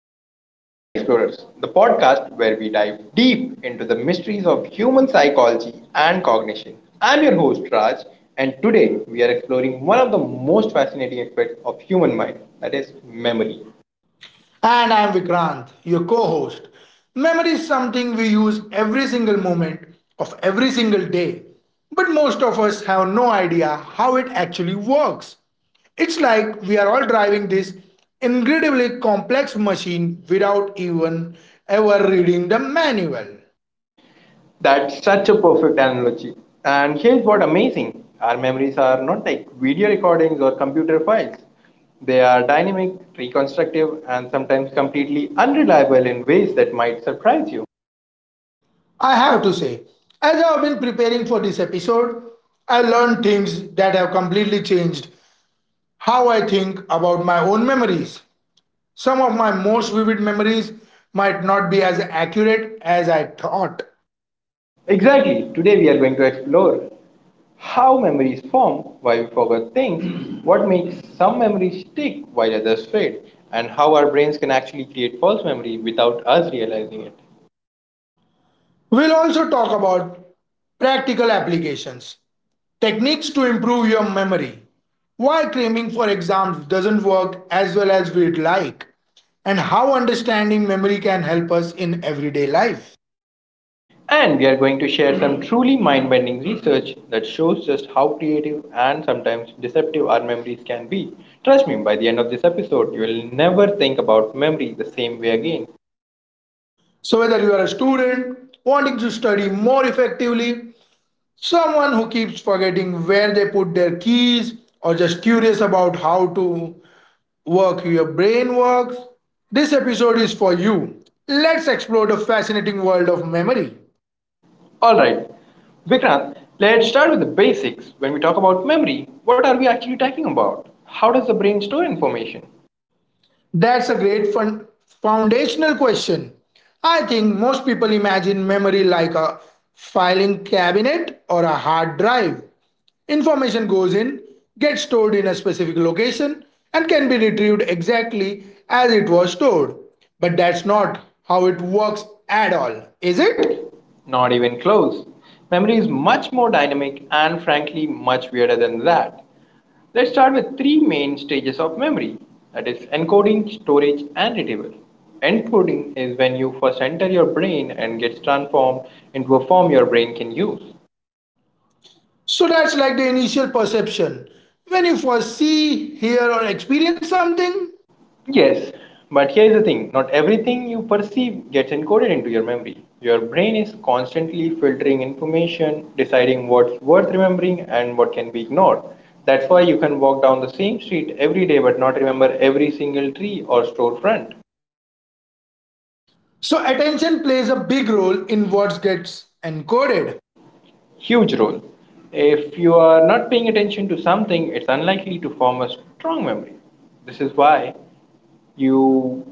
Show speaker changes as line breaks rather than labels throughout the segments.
welcome to Mind Explorers, the podcast where we dive deep into the mysteries of human psychology and cognition. I'm your host, Raj, and today we are exploring one of the most fascinating aspects of human mind that is, memory.
And I'm Vikrant, your co host. Memory is something we use every single moment of every single day, but most of us have no idea how it actually works. It's like we are all driving this incredibly complex machine without even ever reading the manual.
That's such a perfect analogy. And here's what amazing our memories are not like video recordings or computer files. They are dynamic, reconstructive, and sometimes completely unreliable in ways that might surprise you.
I have to say, as I have been preparing for this episode, I learned things that have completely changed how I think about my own memories. Some of my most vivid memories might not be as accurate as I thought.
Exactly. Today we are going to explore how memories form, why we forget things, what makes some memories stick while others fade, and how our brains can actually create false memory without us realizing it.
We'll also talk about practical applications, techniques to improve your memory, why cramming for exams doesn't work as well as we'd like, and how understanding memory can help us in everyday life.
And we are going to share some truly mind bending research that shows just how creative and sometimes deceptive our memories can be. Trust me, by the end of this episode, you will never think about memory the same way again.
So, whether you are a student wanting to study more effectively, someone who keeps forgetting where they put their keys, or just curious about how to work your brain works. This episode is for you. Let's explore the fascinating world of memory.
Alright, Vikrant, let's start with the basics. When we talk about memory, what are we actually talking about? How does the brain store information?
That's a great foundational question. I think most people imagine memory like a filing cabinet or a hard drive. Information goes in, gets stored in a specific location, and can be retrieved exactly as it was stored. But that's not how it works at all, is
Is
it?
it? Not even close. Memory is much more dynamic and frankly much weirder than that. Let's start with three main stages of memory that is, encoding, storage, and retrieval. Encoding is when you first enter your brain and gets transformed into a form your brain can use.
So that's like the initial perception. When you first see, hear, or experience something,
Yes, but here's the thing not everything you perceive gets encoded into your memory. Your brain is constantly filtering information, deciding what's worth remembering and what can be ignored. That's why you can walk down the same street every day but not remember every single tree or storefront.
so attention plays a big role in what gets encoded.
Huge role. If you are not paying attention to something, it's unlikely to form a strong memory. This is why you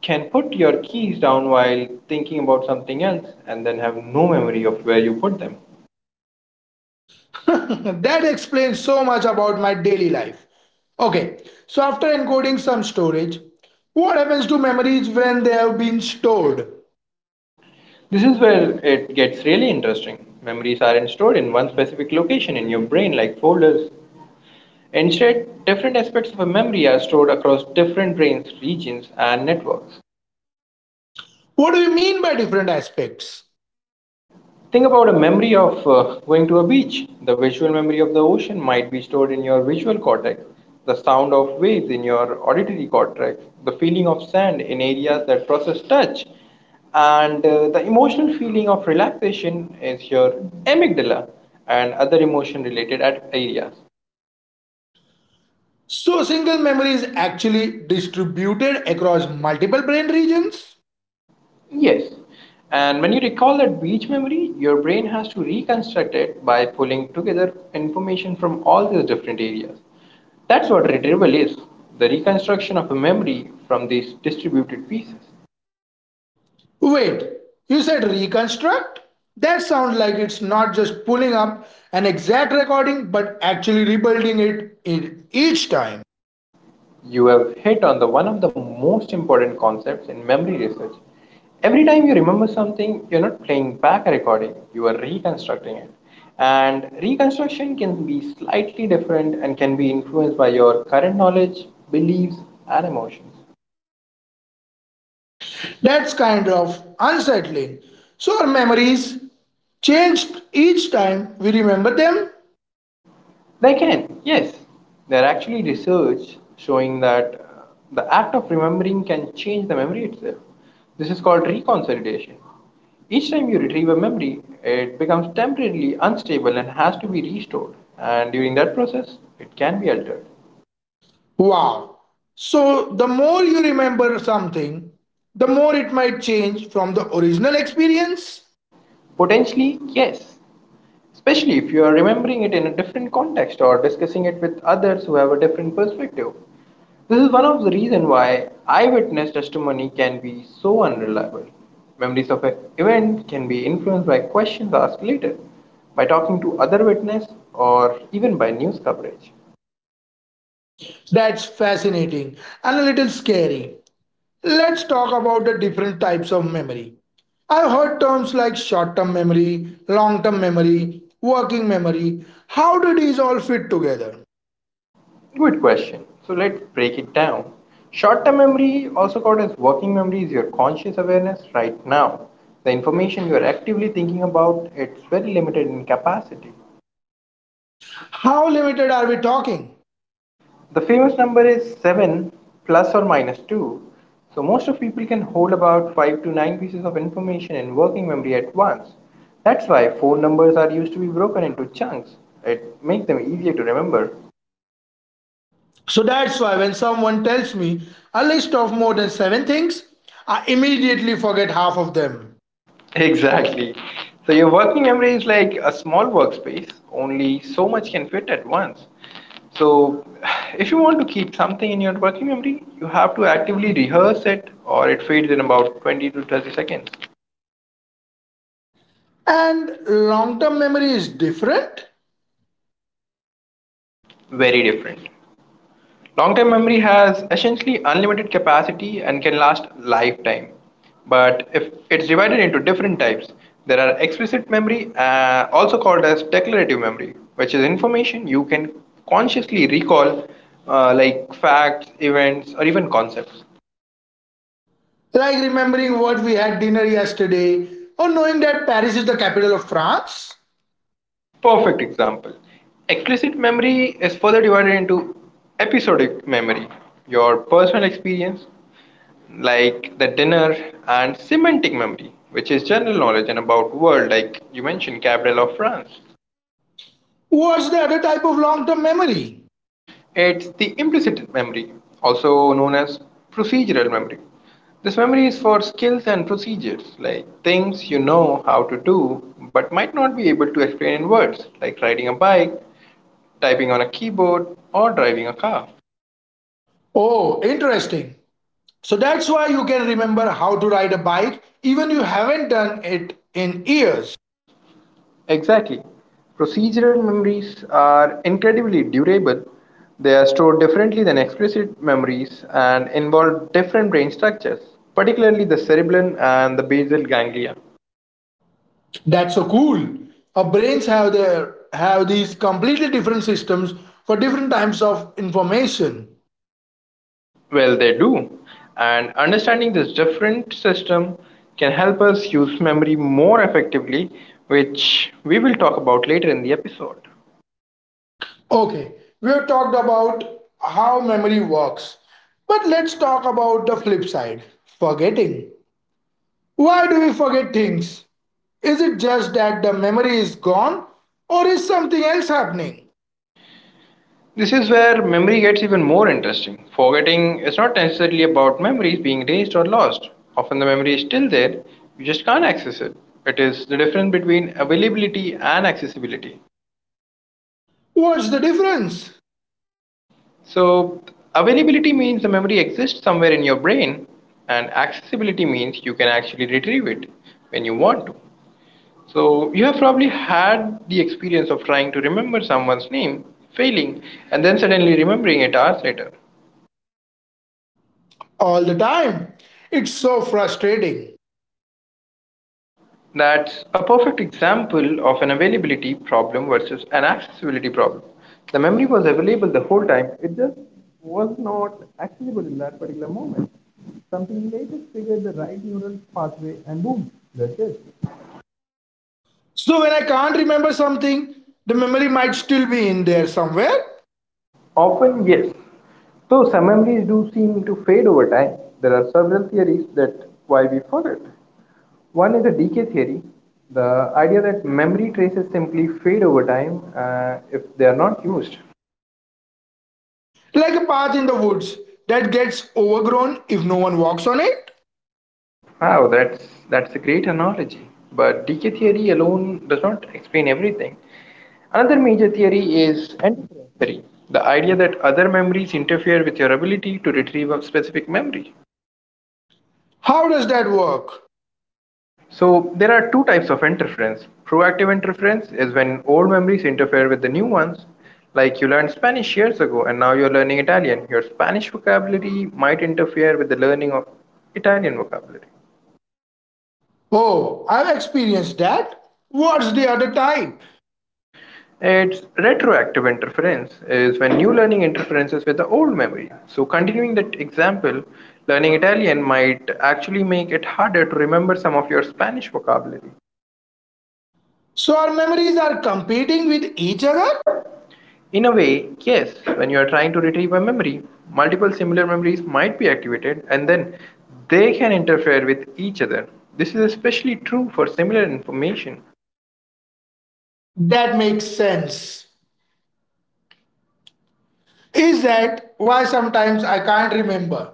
can put your keys down while thinking about something else and then have no memory of where you put them.
That explains so much about my daily life. Okay, so after encoding some storage, what happens to memories when they have been stored?
This is where it gets really interesting. Memories aren't stored in one specific location in your brain like folders. Instead, different aspects of a memory are stored across different brain regions and networks.
What do you mean by different aspects?
Think about a memory of going to a beach. The visual memory of the ocean might be stored in your visual cortex, the sound of waves in your auditory cortex, the feeling of sand in areas that process touch, and the emotional feeling of relaxation is your amygdala and other emotion related areas.
So, single memory is actually distributed across multiple brain regions.
Yes. And when you recall that beach memory, your brain has to reconstruct it by pulling together information from all these different areas. That's what retrieval is the reconstruction of a memory from these distributed pieces.
Wait, you said reconstruct? That sounds like it's not just pulling up an exact recording but actually rebuilding it in each time.
You have hit on the one of the most important concepts in memory research. Every time you remember something, you're not playing back a recording, you are reconstructing it. And reconstruction can be slightly different and can be influenced by your current knowledge, beliefs, and emotions.
That's kind of unsettling. So our memories changed each time we remember them?
They can, yes. There are actually research showing that the act of remembering can change the memory itself. This is called reconsolidation. Each time you retrieve a memory, it becomes temporarily unstable and has to be restored. And during that process, it can be altered.
Wow. So the more you remember something, the more it might change from the original experience?
Potentially, yes, especially if you are remembering it in a different context or discussing it with others who have a different perspective. This is one of the reasons why eyewitness testimony can be so unreliable. Memories of an event can be influenced by questions asked later, by talking to other witnesses, or even by news coverage.
That's fascinating and a little scary. Let's talk about the different types of memory. I've heard terms like short term memory, long term memory, working memory. How do these all fit together?
Good question. So let's break it down. Short term memory, also called as working memory, is your conscious awareness right now. The information you are actively thinking about, it's very limited in capacity.
How limited are we talking?
The famous number is 7 plus or minus 2. So most of people can hold about 5 to 9 pieces of information in working memory at once. That's why phone numbers are used to be broken into chunks. It makes them easier to remember.
So that's why when someone tells me a list of more than seven things, I immediately forget half of them.
Exactly. So your working memory is like a small workspace, only so much can fit at once. So if you want to keep something in your working memory, you have to actively rehearse it or it fades in about 20 to 30 seconds.
And long term memory is different?
Very different. Long-term memory has essentially unlimited capacity and can last lifetime. But if it's divided into different types, there are explicit memory, also called as declarative memory, which is information you can consciously recall, like facts, events, or even concepts.
Like remembering what we had dinner yesterday or knowing that Paris is the capital of France?
Perfect example. Explicit memory is further divided into episodic memory, your personal experience, like the dinner and semantic memory, which is general knowledge and about world, like you mentioned, capital of France.
What's the other type of long term memory?
It's the implicit memory, also known as procedural memory. This memory is for skills and procedures, like things you know how to do but might not be able to explain in words, like riding a bike, typing on a keyboard, or driving a car.
Oh, interesting. So that's why you can remember how to ride a bike even you haven't done it in years.
Exactly. Procedural memories are incredibly durable. They are stored differently than explicit memories and involve different brain structures, particularly the cerebellum and the basal ganglia.
That's so cool. Our brains have these completely different systems for different types of information.
Well, they do. And understanding this different system can help us use memory more effectively, which we will talk about later in the episode.
Okay, we have talked about how memory works. But let's talk about the flip side, forgetting. Why do we forget things? Is it just that the memory is gone or is something else happening?
This is where memory gets even more interesting. Forgetting is not necessarily about memories being erased or lost. Often the memory is still there, you just can't access it. It is the difference between availability and accessibility.
What's the difference?
So, availability means the memory exists somewhere in your brain, and accessibility means you can actually retrieve it when you want to. So, you have probably had the experience of trying to remember someone's name, failing, and then suddenly remembering it hours later.
All the time. It's so frustrating.
That's a perfect example of an availability problem versus an accessibility problem. The memory was available the whole time, it just was not accessible in that particular moment. Something later triggered the right neural pathway and boom, that's it.
So when I can't remember something, the memory might still be in there somewhere,
Often, yes. Though some memories do seem to fade over time, there are several theories that why we forget. One is the decay theory, the idea that memory traces simply fade over time if they are not used.
like a path in the woods that gets overgrown if no one walks on it.
Wow, that's a great analogy. But DK theory alone does not explain everything. Another major theory is interference theory, the idea that other memories interfere with your ability to retrieve a specific memory.
How does that work?
So there are two types of interference. Proactive interference is when old memories interfere with the new ones. Like you learned Spanish years ago and now you're learning Italian. Your Spanish vocabulary might interfere with the learning of Italian vocabulary.
Oh, I've experienced that. What's the other type?
Its retroactive interference is when new learning interferes with the old memory. So continuing that example, learning Italian might actually make it harder to remember some of your Spanish vocabulary.
So our memories are competing with each other?
In a way, yes, when you are trying to retrieve a memory, multiple similar memories might be activated and then they can interfere with each other. This is especially true for similar information.
That makes sense. Is that why sometimes I can't remember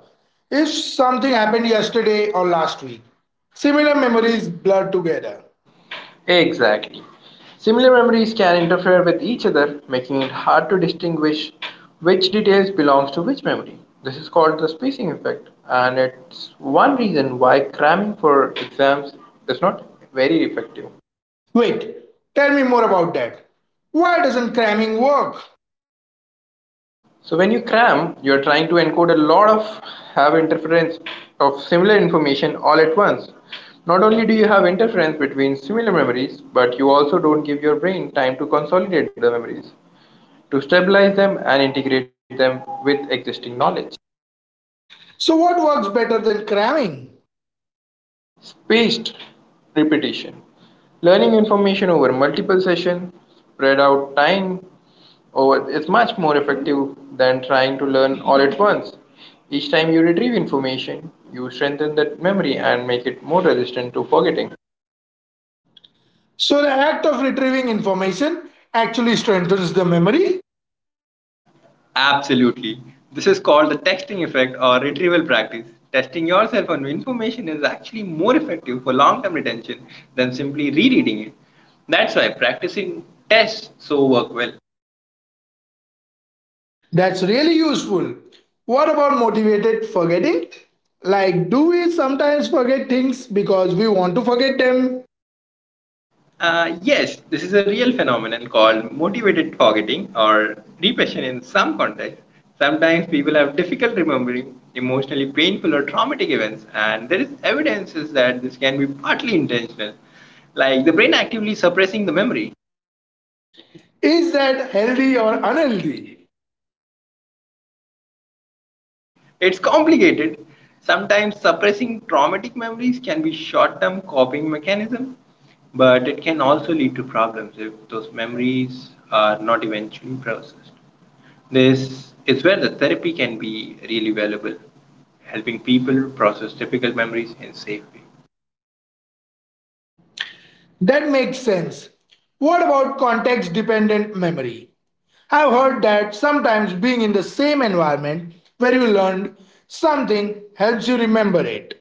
if something happened yesterday or last week? Similar memories blur together.
Exactly. Similar memories can interfere with each other, making it hard to distinguish which details belongs to which memory. This is called the spacing effect, and it's one reason why cramming for exams is not very effective.
Wait, tell me more about that. Why doesn't cramming work?
So when you cram, you're trying to encode a lot of have interference of similar information all at once. Not only do you have interference between similar memories, but you also don't give your brain time to consolidate the memories, to stabilize them and integrate them with existing knowledge.
So, what works better than cramming?
Spaced repetition. Learning information over multiple sessions, spread out time over is much more effective than trying to learn all at once. Each time you retrieve information, you strengthen that memory and make it more resistant to forgetting.
So, the act of retrieving information actually strengthens the memory.
Absolutely. This is called the texting effect or retrieval practice. Testing yourself on information is actually more effective for long term retention than simply rereading it. That's why practicing tests so work well.
That's really useful. What about motivated forgetting? Like, do we sometimes forget things because we want to forget them?
Yes, this is a real phenomenon called motivated forgetting or repression in some contexts. Sometimes people have difficult remembering emotionally painful or traumatic events, and there is evidences that this can be partly intentional, like the brain actively suppressing the memory.
Is that healthy or unhealthy?
It's complicated. Sometimes suppressing traumatic memories can be short term coping mechanism, but it can also lead to problems if those memories are not eventually processed. This is where the therapy can be really valuable, helping people process difficult memories in a safe way.
That makes sense. What about context dependent memory? I've heard that sometimes being in the same environment where you learned something helps you remember it.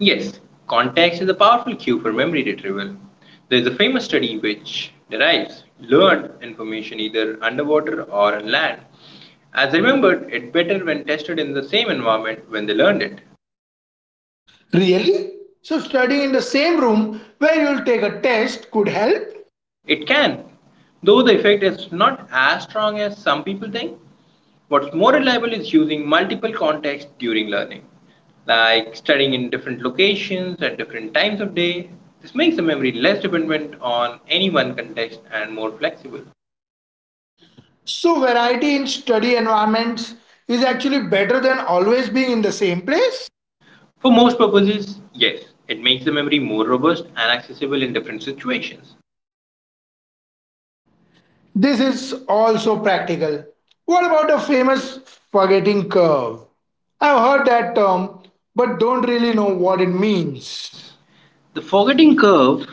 Yes, context is a powerful cue for memory retrieval. There is a famous study which derives learned information either underwater or on land as remembered it better when tested in the same environment when they learned it.
Really? So, studying in the same room where you'll take a test could help?
It can, though the effect is not as strong as some people think. Like this non accessible.
So, variety in study environments is actually better than always being in the same place?
For most, yes, it may be more and accessible in different situations.
This is also practical. What about the famous forgetting curve? I've heard that term, but don't really know what it means.
The forgetting curve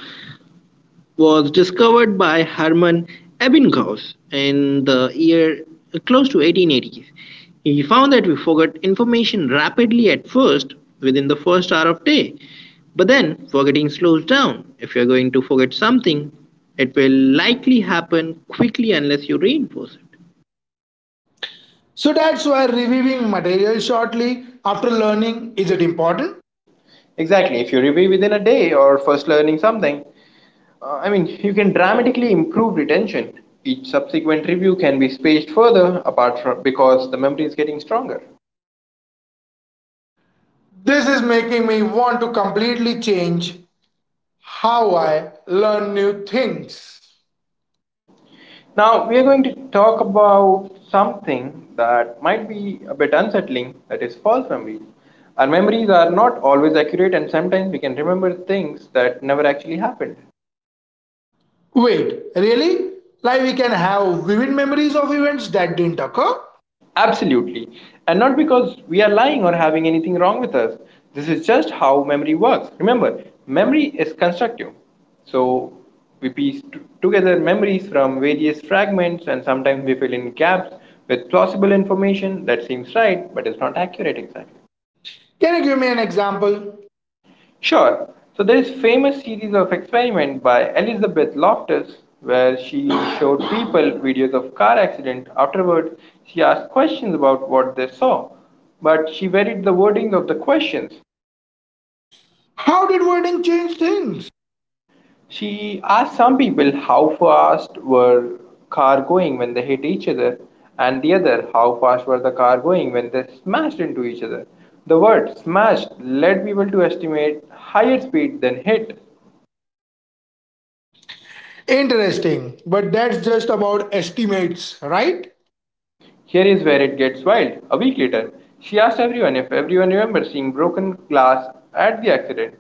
was discovered by Hermann Ebbinghaus in the year close to 1880s. He found that we forgot information rapidly at first within the first hour of day, but then forgetting slows down. If you're going to forget something, it will likely happen quickly unless you reinforce it.
So that's why reviewing material shortly after learning is it important?
Exactly. If you review within a day or first learning something, you can dramatically improve retention. Each subsequent review can be spaced further apart from because the memory is getting stronger.
This is making me want to completely change how I learn new things.
Now we are going to talk about something that might be a bit unsettling that is false memories. Our memories are not always accurate and sometimes we can remember things that never actually happened.
Wait, really? Like we can have vivid memories of events that didn't occur?
Absolutely. And not because we are lying or having anything wrong with us. This is just how memory works. Remember, memory is constructive. So we piece together memories from various fragments and sometimes we fill in gaps with plausible information that seems right but is not accurate exactly.
Can you give me an example?
Sure. So there is famous series of experiment by Elizabeth Loftus where she showed people videos of car accident. Afterward, she asked questions about what they saw, but she varied the wording of the questions.
How did wording change things?
She asked some people how fast were car going when they hit each other and the other how fast were the car going when they smashed into each other. The word smashed led people to estimate higher speed than hit.
Interesting, but that's just about estimates, right?
Here is where it gets wild. A week later, she asked everyone if everyone remembers seeing broken glass at the accident.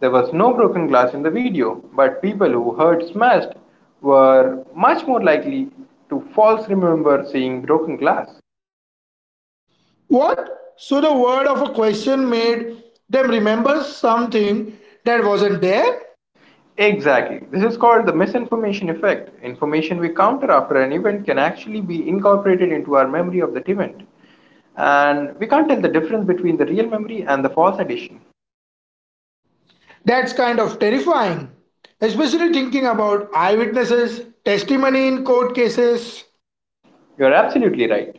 There was no broken glass in the video, but people who heard smashed were much more likely to falsely remember seeing broken glass.
What? So the word of a question made them remember something that wasn't there?
Exactly. This is called the misinformation effect. Information we counter after an event can actually be incorporated into our memory of that event. And we can't tell the difference between the real memory and the false addition.
That's kind of terrifying, especially thinking about eyewitnesses, testimony in court cases.
You're absolutely right.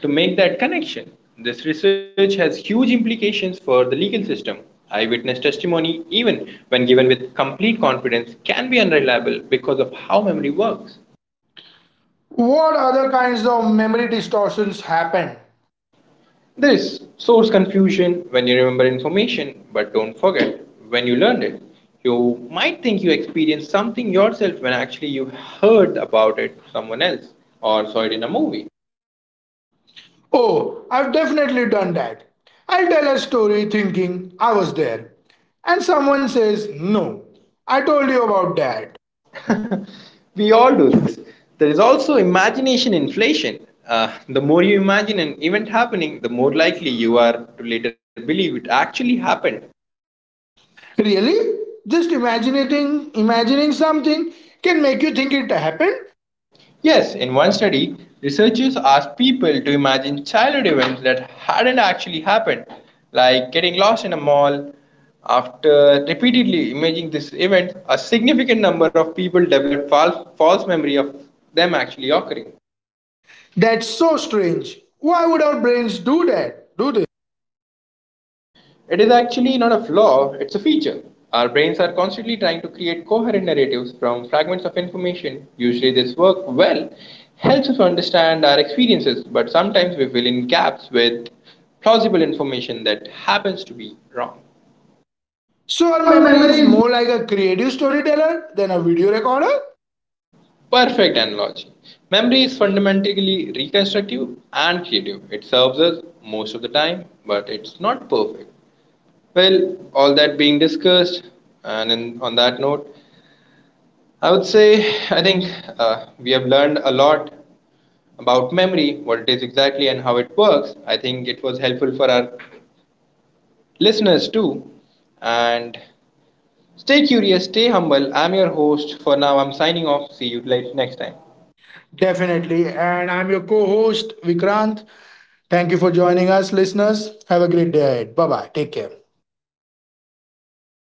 To make that connection, this research has huge implications for the legal system. Eyewitness testimony, even when given with complete confidence, can be unreliable because of how memory works.
What other kinds of memory distortions happen?
There is source confusion when you remember information, but don't forget when you learned it. You might think you experienced something yourself when actually you heard about it from someone else or saw it in a movie.
Oh, I've definitely done that. I'll tell a story thinking I was there. And someone says, "No, I told you about that."
We all do this. There is also imagination inflation. The more you imagine an event happening, the more likely you are to later believe it actually happened.
Really? Just imagining something can make you think it happened?
Yes, in one study, researchers asked people to imagine childhood events that hadn't actually happened, like getting lost in a mall. After repeatedly imagining this event, a significant number of people developed false memory of them actually occurring.
That's so strange. Why would our brains do that? Do this?
It is actually not a flaw, it's a feature. Our brains are constantly trying to create coherent narratives from fragments of information. Usually, this work well helps us understand our experiences, but sometimes we fill in gaps with plausible information that happens to be wrong.
So our memory is more like a creative storyteller than a video recorder?
Perfect analogy. Memory is fundamentally reconstructive and creative. It serves us most of the time, but it's not perfect. Well, all that being discussed, and in, on that note, I would say, I think we have learned a lot about memory, what it is exactly, and how it works. I think it was helpful for our listeners too. And stay curious, stay humble. I'm your host for now. I'm signing off. See you guys next time.
Definitely. And I'm your co-host Vikrant. Thank you for joining us, listeners. Have a great day ahead. Bye-bye. Take care.